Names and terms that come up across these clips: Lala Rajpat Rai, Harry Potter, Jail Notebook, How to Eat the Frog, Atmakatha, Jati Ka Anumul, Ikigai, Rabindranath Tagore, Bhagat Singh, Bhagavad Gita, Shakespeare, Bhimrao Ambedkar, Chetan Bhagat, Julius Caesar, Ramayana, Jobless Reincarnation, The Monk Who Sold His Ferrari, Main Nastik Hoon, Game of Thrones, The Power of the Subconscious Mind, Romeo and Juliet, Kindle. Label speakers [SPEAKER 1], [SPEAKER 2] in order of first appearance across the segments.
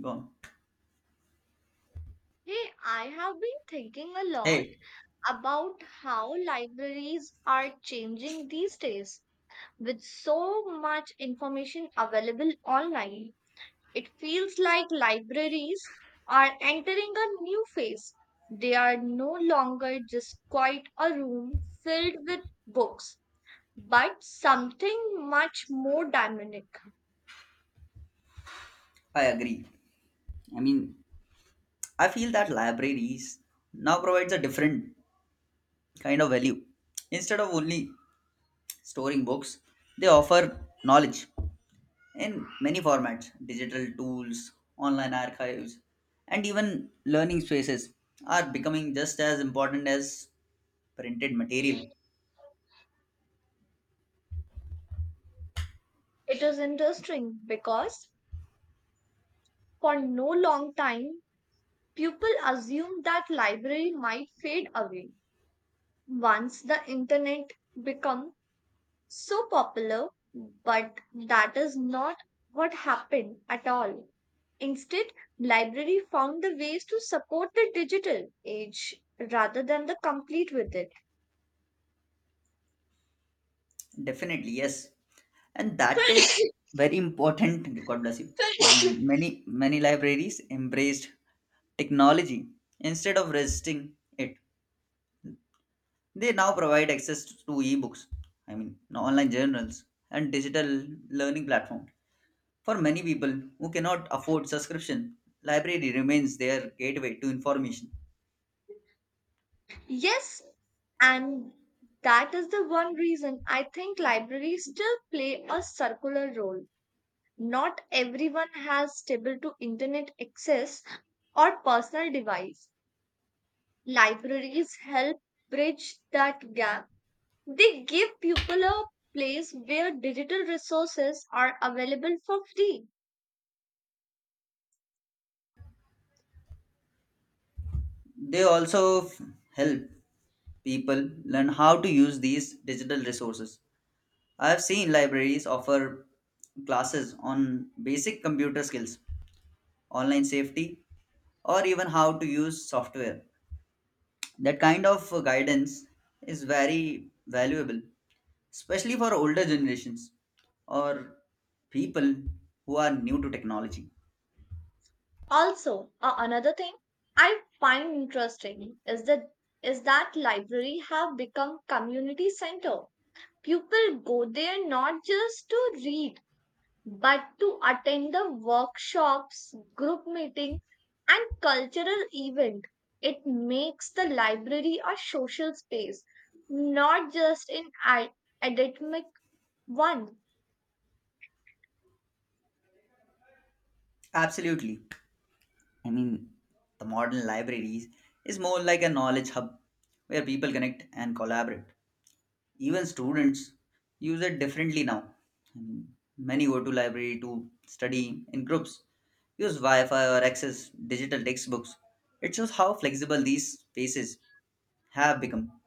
[SPEAKER 1] Go on.
[SPEAKER 2] Hey, I have been thinking a lot
[SPEAKER 1] Hey,
[SPEAKER 2] about how libraries are changing these days. With so much information available online, it feels like libraries are entering a new phase. They are no longer just quite a room filled with books, but something much more dynamic.
[SPEAKER 1] I agree. I mean, I feel that libraries now provides a different kind of value. Instead of only storing books, they offer knowledge in many formats, digital tools, online archives, and even learning spaces are becoming just as important as printed material.
[SPEAKER 2] It is interesting because for no long time, people assume that library might fade away once the internet become so popular, but that is not what happened at all. Instead, library found the ways to support the digital age rather than the complete with
[SPEAKER 1] Definitely, yes. And that is
[SPEAKER 2] it.
[SPEAKER 1] very important. God bless you. And many, many libraries embraced technology instead of resisting it. They now provide access to ebooks, online journals, and digital learning platform. For many people who cannot afford subscription, library remains their gateway to information.
[SPEAKER 2] Yes, and that is the one reason I think libraries still play a circular role. Not everyone has stable to internet access or personal device. Libraries help bridge that gap. They give people a place where digital resources are available for free.
[SPEAKER 1] They also help people learn how to use these digital resources. I've seen libraries offer classes on basic computer skills, online safety, or even how to use software. That kind of guidance is very valuable, especially for older generations or people who are new to technology.
[SPEAKER 2] Also, another thing I find interesting is that library have become community center. People go there not just to read but to attend the workshops, group meeting, and cultural event. It makes the library a social space, not just an academic one.
[SPEAKER 1] Absolutely. I mean, the modern libraries is more like a knowledge hub where people connect and collaborate. Even students use it differently now. Mm, many go to library to study in groups, use Wi-Fi or access digital textbooks. It shows how flexible these spaces have become.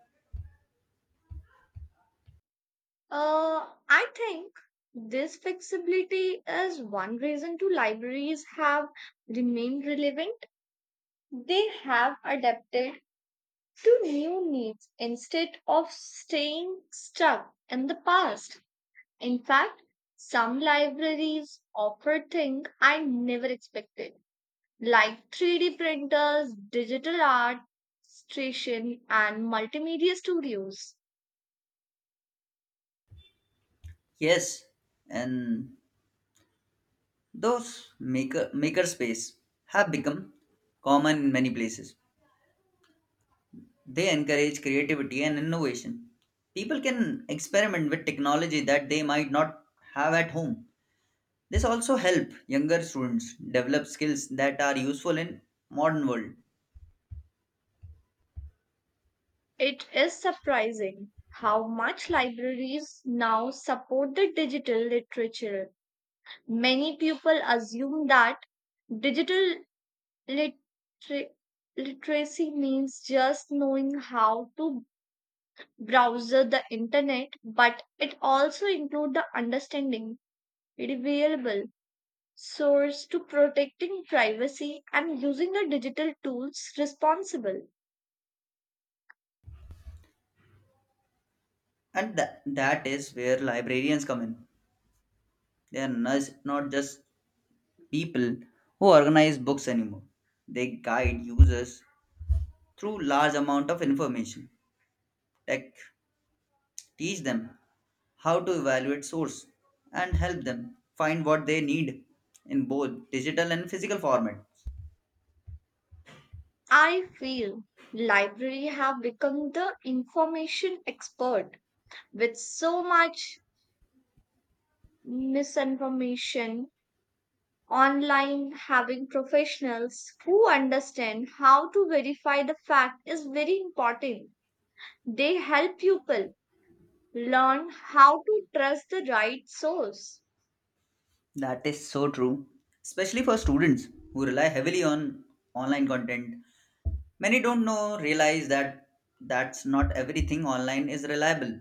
[SPEAKER 2] I think this flexibility is one reason to libraries have remained relevant. They have adapted to new needs instead of staying stuck in the past. In fact, some libraries offer things I never expected, like 3D printers, digital art station, and multimedia studios.
[SPEAKER 1] Yes, and those maker space have become common in many places. They encourage creativity and innovation. People can experiment with technology that they might not have at home. This also help younger students develop skills that are useful in modern world.
[SPEAKER 2] It is surprising how much libraries now support the digital literature. Many people assume that digital liter- literacy means just knowing how to browser the internet but it also include the understanding reliable source to protecting privacy and using the digital tools responsible.
[SPEAKER 1] That is where librarians come in. They are not just people who organize books anymore. They guide users through large amount of information. Tech teach them how to evaluate source and help them find what they need in both digital and physical format.
[SPEAKER 2] I feel library have become the information expert with so much misinformation online having professionals who understand how to verify the fact is very important. They help people learn how to trust the right source.
[SPEAKER 1] That is so true, especially for students who rely heavily on online content. Many don't know realize that that's not everything online is reliable.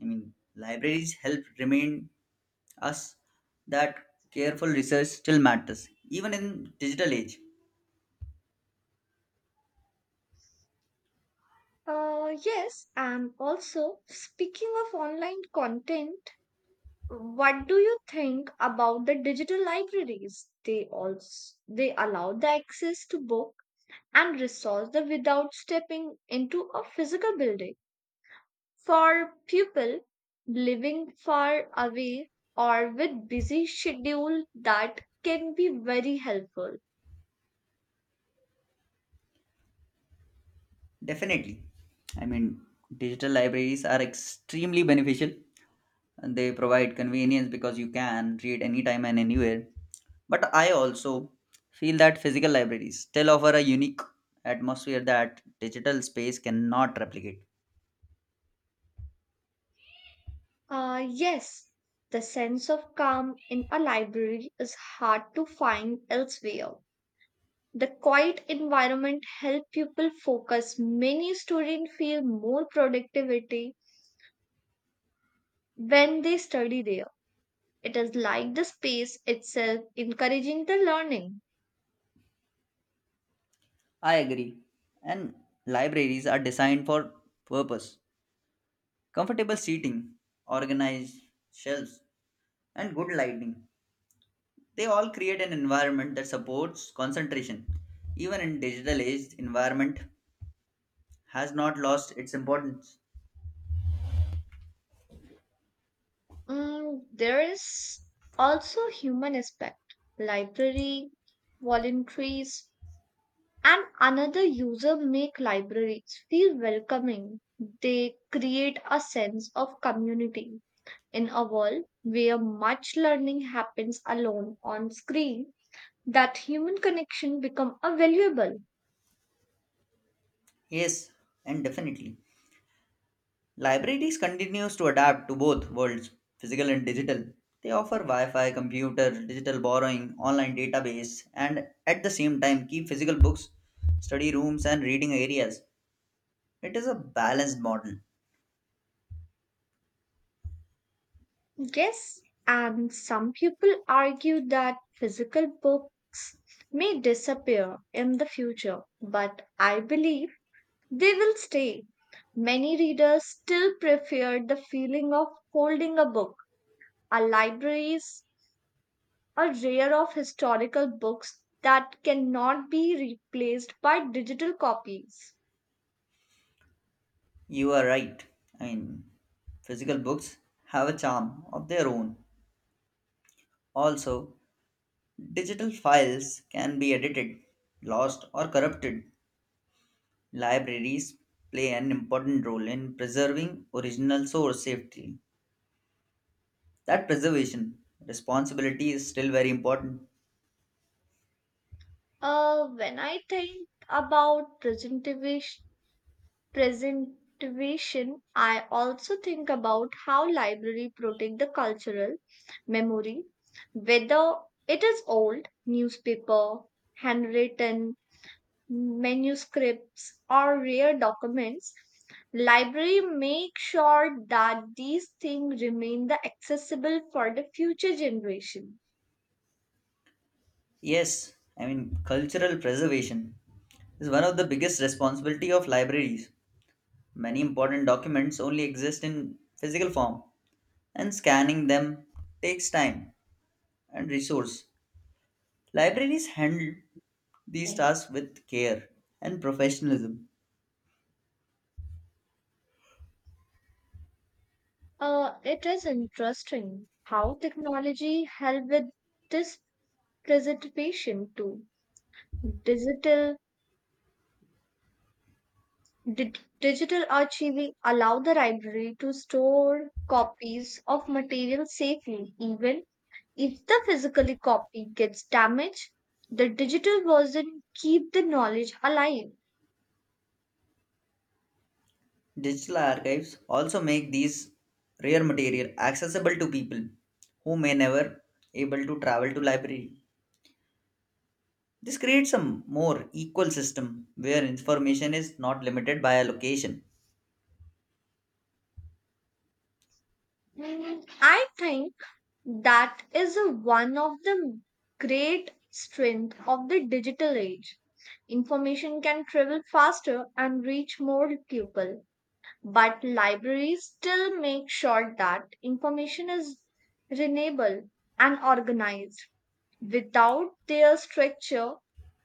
[SPEAKER 1] Libraries help remind us that careful research still matters, even in digital age.
[SPEAKER 2] Yes, and also speaking of online content, what do you think about the digital libraries? They allow the access to book and resource the without stepping into a physical building. For people living far away or with busy schedule, that can be very helpful.
[SPEAKER 1] Definitely, I mean, digital libraries are extremely beneficial and they provide convenience because you can read anytime and anywhere. But I also feel that physical libraries still offer a unique atmosphere that digital space cannot replicate.
[SPEAKER 2] Yes, the sense of calm in a library is hard to find elsewhere. The quiet environment help people focus. Many students feel more productivity when they study there. It is like the space itself encouraging the learning.
[SPEAKER 1] I agree. And libraries are designed for purpose. Comfortable seating, organized shelves, and good lighting. They all create an environment that supports concentration. Even in digital age, environment has not lost its importance.
[SPEAKER 2] Mm, there is also human aspect. Library volunteers and another user make libraries feel welcoming. They create a sense of community. In a world where much learning happens alone on screen, that human connection become a valuable.
[SPEAKER 1] Yes, and definitely. Libraries continues to adapt to both worlds, physical and digital. They offer Wi-Fi, computer, digital borrowing, online database, and at the same time keep physical books, study rooms, and reading areas. It is a balanced model.
[SPEAKER 2] Yes, and some people argue that physical books may disappear in the future, but I believe they will stay. Many readers still prefer the feeling of holding a book. Our libraries are rare of historical books that cannot be replaced by digital copies.
[SPEAKER 1] You are right. I mean, Physical books have a charm of their own. Also, digital files can be edited, lost, or corrupted. Libraries play an important role in preserving original source safely. That preservation responsibility is still very important.
[SPEAKER 2] When I think about presentivation, presentation, I also think about how library protect the cultural memory, whether it is old newspaper, handwritten manuscripts, or rare documents, library make sure that these things remain the accessible for the future generation.
[SPEAKER 1] Yes, i mean cultural preservation is one of the biggest responsibility of libraries. Many important documents only exist in physical form, and scanning them takes time and resource. Libraries handle these tasks with care and professionalism.
[SPEAKER 2] It is interesting how technology help with this preservation too. Digital di- digital archiving allow the library to store copies of material safely even if the physical copy gets damaged, the digital version keep the knowledge alive.
[SPEAKER 1] Digital archives also make these rare material accessible to people who may never able to travel to library. This creates a more equal system where information is not limited by a location.
[SPEAKER 2] Mm, I think that is a- one of the great strength of the digital age. Information can travel faster and reach more people, but libraries still make sure that information is renewable and organized. Without their structure,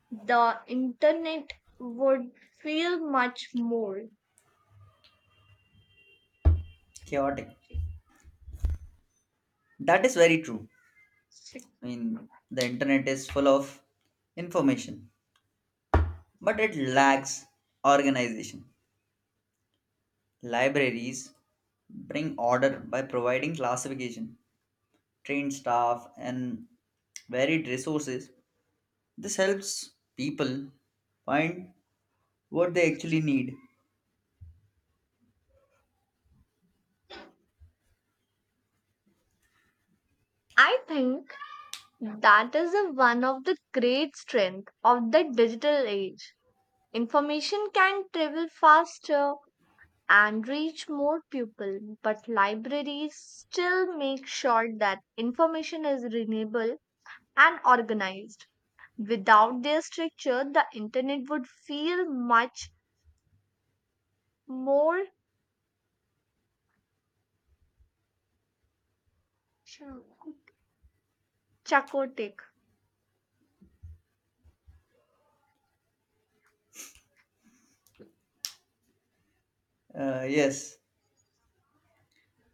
[SPEAKER 2] the internet would feel much more.
[SPEAKER 1] Chaotic. That is very true. The internet is full of information, but it lacks organization. Libraries bring order by providing classification, trained staff, and varied resources. This helps people find what they actually need.
[SPEAKER 2] I think that is a, one of the great strengths of the digital age. Information can travel faster and reach more people, but libraries still make sure that information is renewable and organized. Without their structure, the internet would feel much more sure, chaotic.
[SPEAKER 1] Yes,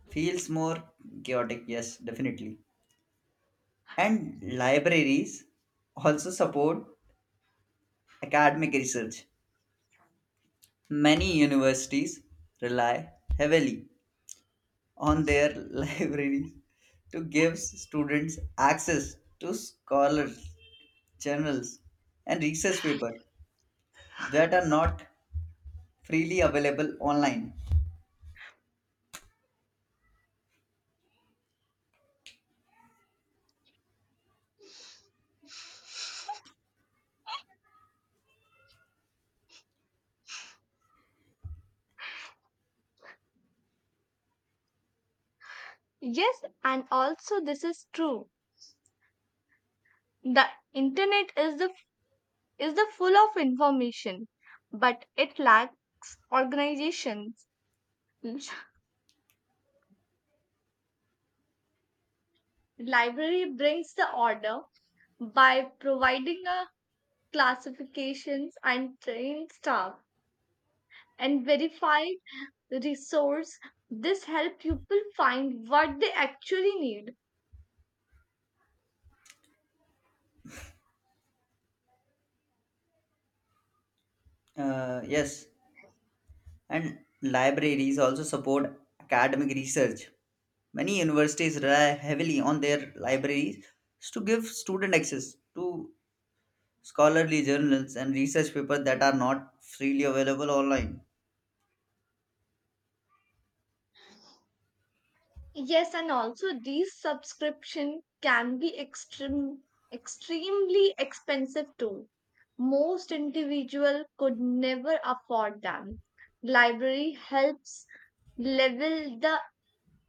[SPEAKER 1] feels more chaotic. Yes, definitely. And libraries also support academic research. Many universities rely heavily on their libraries to give students access to scholars, journals, and research papers that are not freely available online.
[SPEAKER 2] Yes, and also this is true. The internet is the full of information, but it lacks organizations. L- Library brings the order by providing a classifications and trained staff and verified resource. This help people find what they actually need.
[SPEAKER 1] Yes, and libraries also support academic research. Many universities rely heavily on their libraries to give student access to scholarly journals, and research papers that are not freely available online.
[SPEAKER 2] Yes, and also these subscription can be extreme, extremely expensive too. Most individual could never afford them. Library helps level the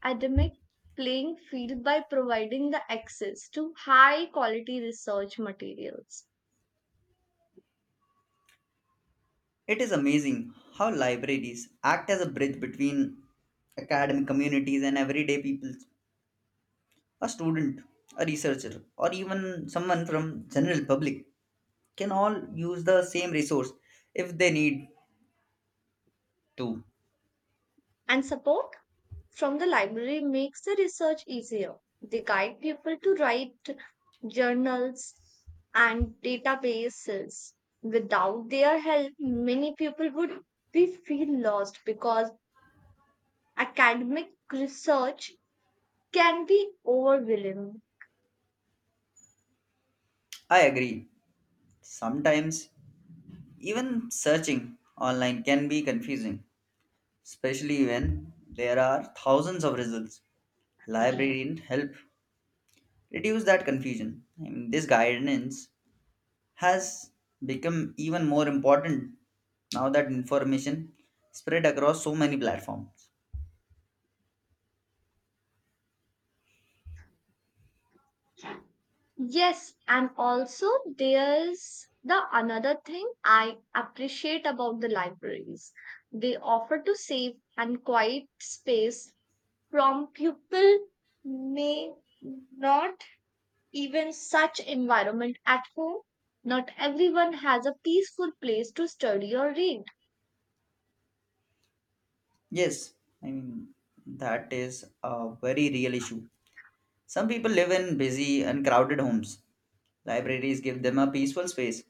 [SPEAKER 2] academic playing field by providing the access to high quality research materials
[SPEAKER 1] It is amazing how libraries act as a bridge between academic communities and everyday people. A student, a researcher, or even someone from general public can all use the same resource if they need to.
[SPEAKER 2] and support. From the library makes the research easier. They guide people to write journals and databases. Without their help, many people would be feel lost because academic research can be overwhelming.
[SPEAKER 1] I agree. Sometimes even searching online can be confusing, especially when there are thousands of results. Librarians help reduce that confusion. This guidance has become even more important now that information spread across so many platforms.
[SPEAKER 2] Yes, and also there's the another thing I appreciate about the libraries. They offer to save and quiet space from pupil may not even such environment at home. Not everyone has a peaceful place to study or read.
[SPEAKER 1] Yes, I mean that is a very real issue. Some people live in busy and crowded homes. Libraries give them a peaceful space.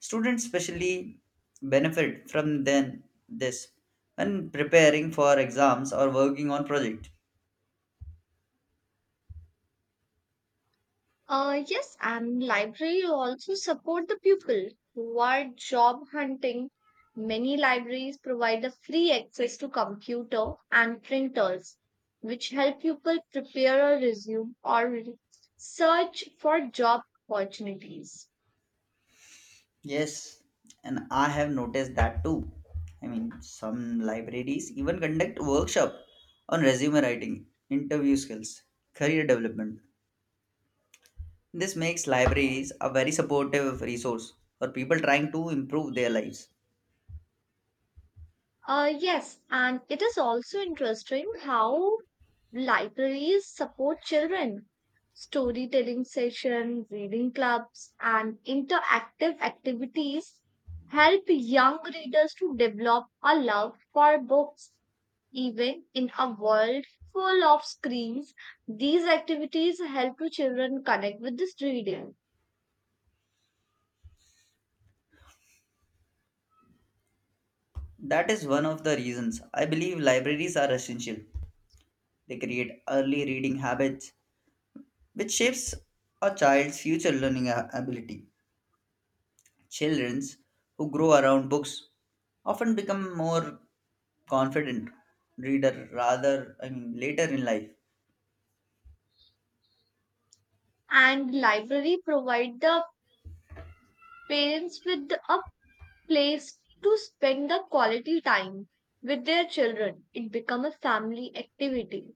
[SPEAKER 1] Students especially benefit from then this when preparing for exams or working on project.
[SPEAKER 2] Yes, and library also support the pupil who are job hunting. Many libraries provide a free access to computer and printers, which help people prepare a resume or search for job opportunities.
[SPEAKER 1] Yes, and I have noticed that too. Some libraries even conduct workshop on resume writing, interview skills, career development. This makes libraries a very supportive resource for people trying to improve their lives.
[SPEAKER 2] Yes, and it is also interesting how libraries support children. Storytelling session, reading clubs, and interactive activities help young readers to develop a love for books. Even in a world full of screens, these activities help to children connect with this reading.
[SPEAKER 1] That is one of the reasons I believe libraries are essential. They create early reading habits, which shapes a child's future learning ability. Children who grow around books often become more confident reader rather later in life.
[SPEAKER 2] And library provide the parents with a place to spend the quality time with their children. It becomes a family activity.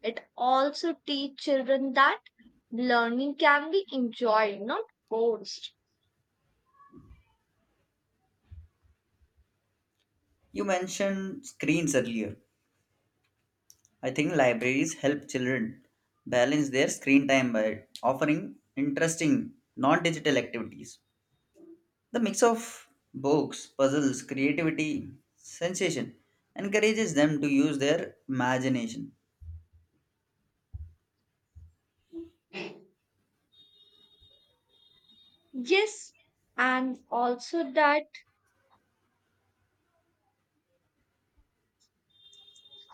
[SPEAKER 2] It also teach children that learning can be enjoyed, not forced.
[SPEAKER 1] You mentioned screens earlier. I think libraries help children balance their screen time by offering interesting non-digital activities. The mix of books, puzzles, creativity, sensation encourages them to use their imagination.
[SPEAKER 2] Yes, and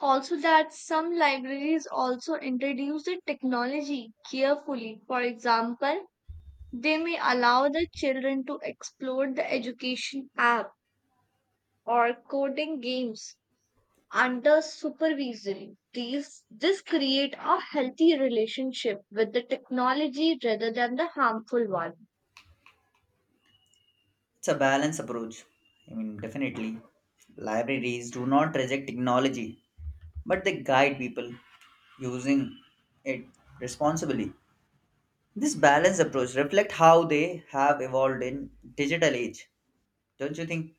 [SPEAKER 2] also that some libraries also introduce the technology carefully. For example, they may allow the children to explore the education app or coding games under supervision. These this create a healthy relationship with the technology rather than the harmful one.
[SPEAKER 1] It's a balanced approach. Definitely. Libraries do not reject technology, but they guide people using it responsibly. This balanced approach reflects how they have evolved in digital age, don't you think?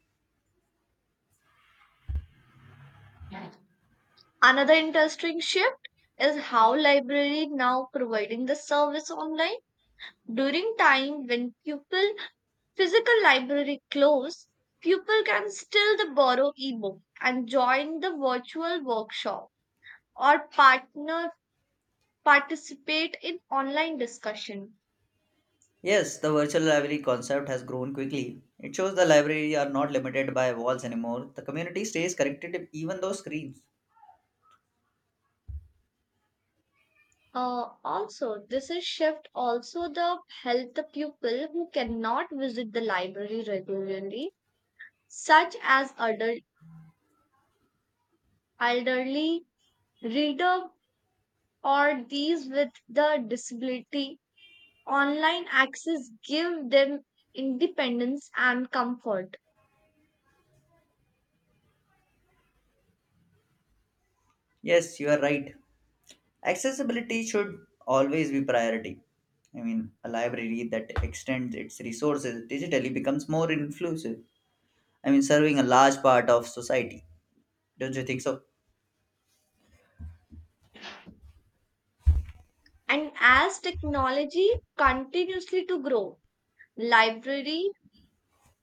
[SPEAKER 2] Another interesting shift is how library now providing the service online. During time when pupil physical library close, pupil can still the borrow ebook and join the virtual workshop or partner participate in online discussion.
[SPEAKER 1] Yes, the virtual library concept has grown quickly. It shows the library are not limited by walls anymore. The community stays connected even though screens.
[SPEAKER 2] Also, this is shift also the help the pupil who cannot visit the library regularly, such as adult, elderly reader or these with the disability. Online access give them independence and comfort.
[SPEAKER 1] Yes, you are right. Accessibility should always be priority. A library that extends its resources digitally becomes more inclusive. Serving a large part of society. Don't you think so?
[SPEAKER 2] And as technology continuously to grow, library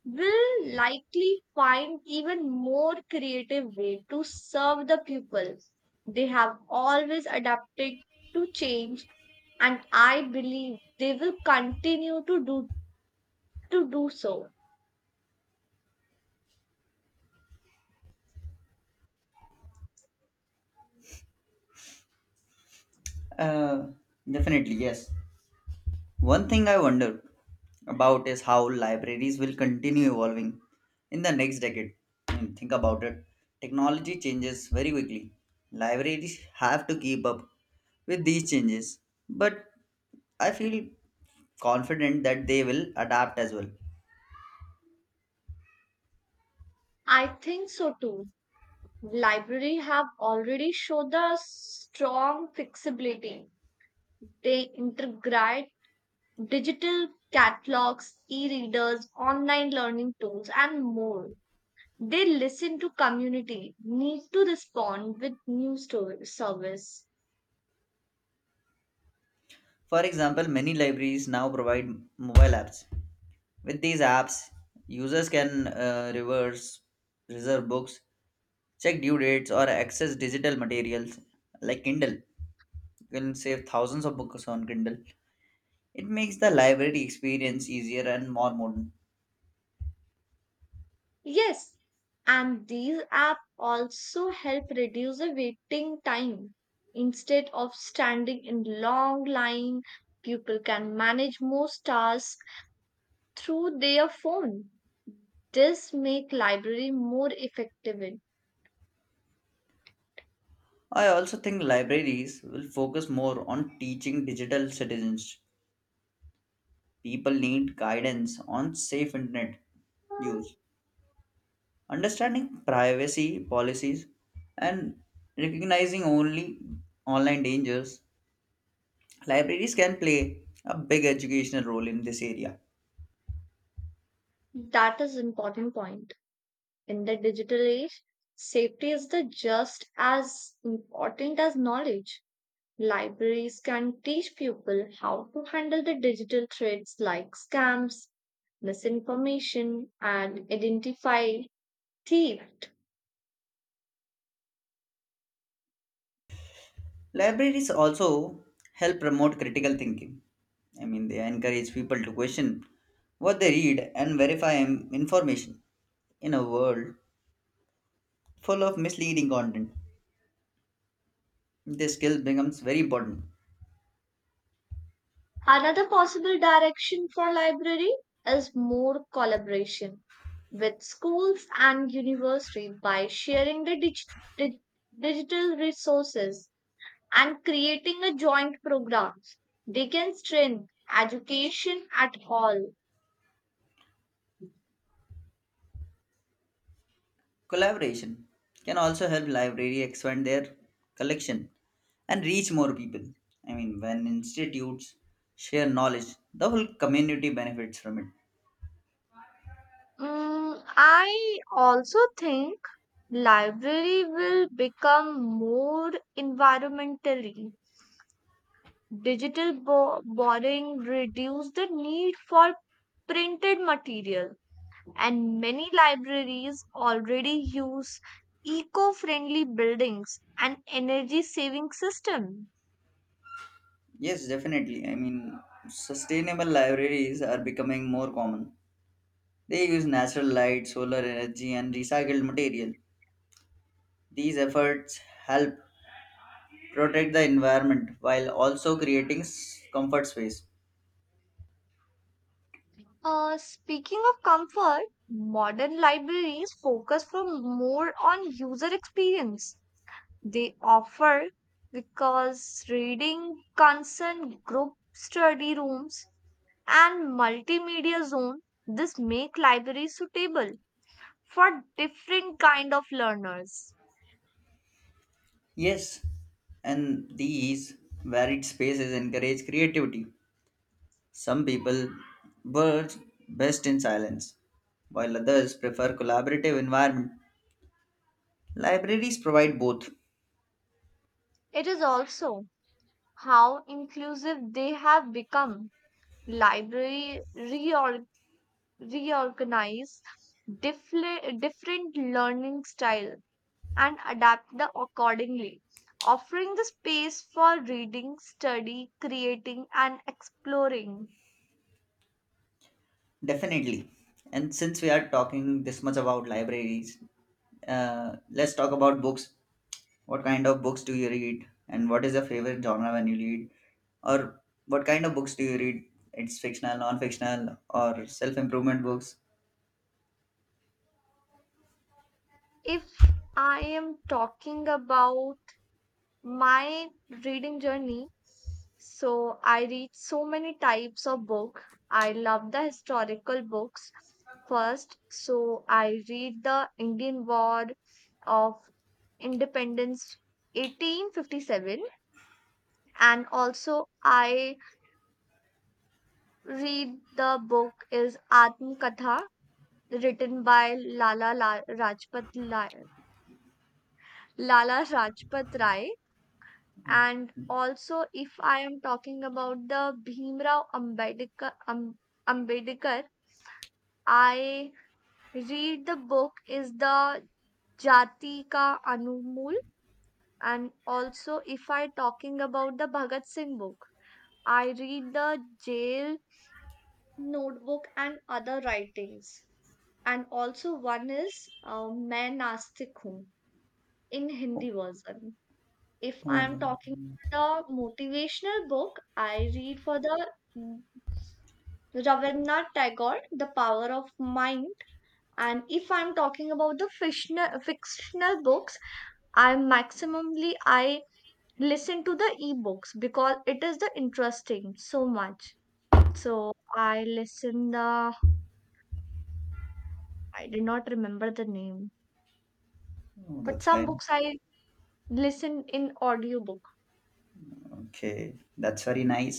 [SPEAKER 2] will likely find even more creative way to serve the people. They have always adapted to change and I believe they will continue to do so.
[SPEAKER 1] Uh, Definitely, yes. One thing I wonder about is how libraries will continue evolving in the next decade. Hmm, think about it. Technology changes very quickly. Libraries have to keep up with these changes, but I feel confident that they will adapt as well.
[SPEAKER 2] I think so too. Library have already showed the strong flexibility. They integrate digital catalogs, e-readers, online learning tools and more. They listen to community, need to respond with new service.
[SPEAKER 1] For example, many libraries now provide mobile apps. With these apps, users can reverse reserve books, check due dates, or access digital materials like Kindle. Will save thousands of books on Kindle. It makes the library experience easier and more modern.
[SPEAKER 2] Yes, and these apps also help reduce the waiting time. Instead of standing in long line, people can manage most tasks through their phone. This make library more effective.
[SPEAKER 1] I also think libraries will focus more on teaching digital citizens. People need guidance on safe internet use, understanding privacy policies, and recognizing only online dangers. Libraries can play a big educational role in this area.
[SPEAKER 2] That is important point. In the digital age, safety is the just as important as knowledge. Libraries can teach people how to handle the digital threats like scams, misinformation, and identify theft.
[SPEAKER 1] Libraries also help promote critical thinking. They encourage people to question what they read and verify information in a world full of misleading content. This skill becomes very important.
[SPEAKER 2] Another possible direction for library is more collaboration with schools and universities by sharing the dig- digital resources and creating a joint programs. They can strengthen education at all.
[SPEAKER 1] Collaboration can also help library expand their collection and reach more people. When institutes share knowledge, the whole community benefits from it.
[SPEAKER 2] Mm, I also think library will become more environmentally. Digital borrowing reduce the need for printed material and many libraries already use eco-friendly buildings and energy saving system.
[SPEAKER 1] Yes, definitely. Sustainable libraries are becoming more common. They use natural light, solar energy, and recycled material. These efforts help protect the environment while also creating comfort space.
[SPEAKER 2] Speaking of comfort, modern libraries focus for more on user experience they offer because reading concern group study rooms and multimedia zone this make libraries suitable for different kind of learners.
[SPEAKER 1] Yes, and these varied spaces encourage creativity. Some people work best in silence, while others prefer collaborative environment. Libraries provide both,
[SPEAKER 2] It is also how inclusive they have become. Library reorganize different learning style and adapt the accordingly, offering the space for reading, study, creating, and exploring.
[SPEAKER 1] definitely. And since we are talking this much about libraries, let's talk about books. What kind of books do you read? And what is your favorite genre when you read? Or what kind of books do you read? It's fictional, non fictional, or self improvement books?
[SPEAKER 2] If I am talking about my reading journey, so I read so many types of book. I love the historical books first. So I read the Indian War of Independence 1857 and also I read the book is Atmakatha, written by Rajpat Lala Rajpat Rai. And also, if I am talking about the Bhimrao Ambedkar, Ambedkar, I read the book is the Jati Ka Anumul. And also, if I talking about the Bhagat Singh book, I read the Jail Notebook and other writings, and also one is Main Nastik Hoon in
[SPEAKER 1] Oh,
[SPEAKER 2] Hindi version. If I'm
[SPEAKER 1] oh,
[SPEAKER 2] talking about the motivational book, I read for the mm, Rabindranath Tagore, The Power of Mind. And if I'm talking about the fictional books, I maximumly I listen to the ebooks because it is the interesting so much. So I listen the I did not remember the name,
[SPEAKER 1] oh,
[SPEAKER 2] but
[SPEAKER 1] that's
[SPEAKER 2] some
[SPEAKER 1] fine.
[SPEAKER 2] books I listen in audiobook.
[SPEAKER 1] Okay, that's very nice.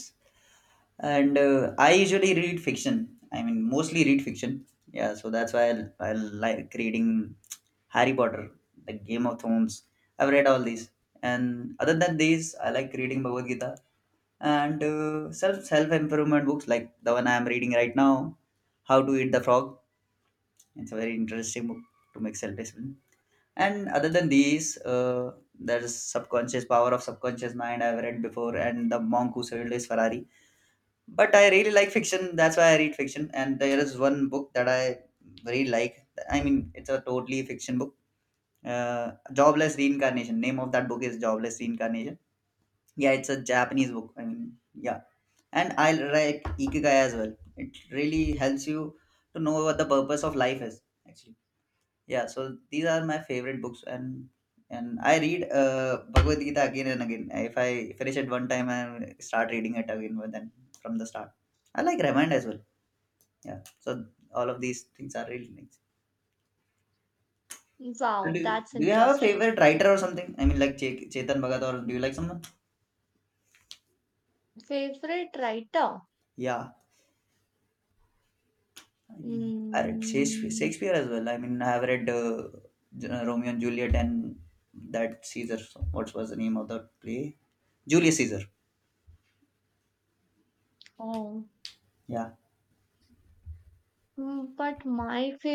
[SPEAKER 1] And I usually read fiction, mostly read fiction. Yeah, so that's why I like reading Harry Potter, the Game of Thrones. I've read all these, and other than these I like reading Bhagavad Gita, and self improvement books like the one I am reading right now, How to Eat the Frog. It's a very interesting book to make self discipline. And other than these there's subconscious, power of subconscious mind, I've read before, and The Monk Who Sold His Ferrari. But I really like fiction. That's why I read fiction. And there is one book that I really like. It's a totally fiction book. Jobless Reincarnation. Name of that book is Jobless Reincarnation. Yeah, it's a Japanese book. Yeah. And I like Ikigai as well. It really helps you to know what the purpose of life is, actually. Yeah, so these are my favorite books, and I read Bhagavad Gita again and again. If I finish it one time, I start reading it again, but then from the start. I like Ramayana as well. Yeah, so all of these things are really nice. So
[SPEAKER 2] Wow, that's
[SPEAKER 1] do you have a
[SPEAKER 2] interesting.
[SPEAKER 1] favorite writer or something? Like Chetan Bhagat, or do you like someone?
[SPEAKER 2] Favorite writer?
[SPEAKER 1] Yeah, I read
[SPEAKER 2] Mm,
[SPEAKER 1] Shakespeare as well. I have read Romeo and Juliet, and that Caesar. What was the name of the play? Julius Caesar.
[SPEAKER 2] oh,
[SPEAKER 1] Yeah
[SPEAKER 2] mm, but my favorite.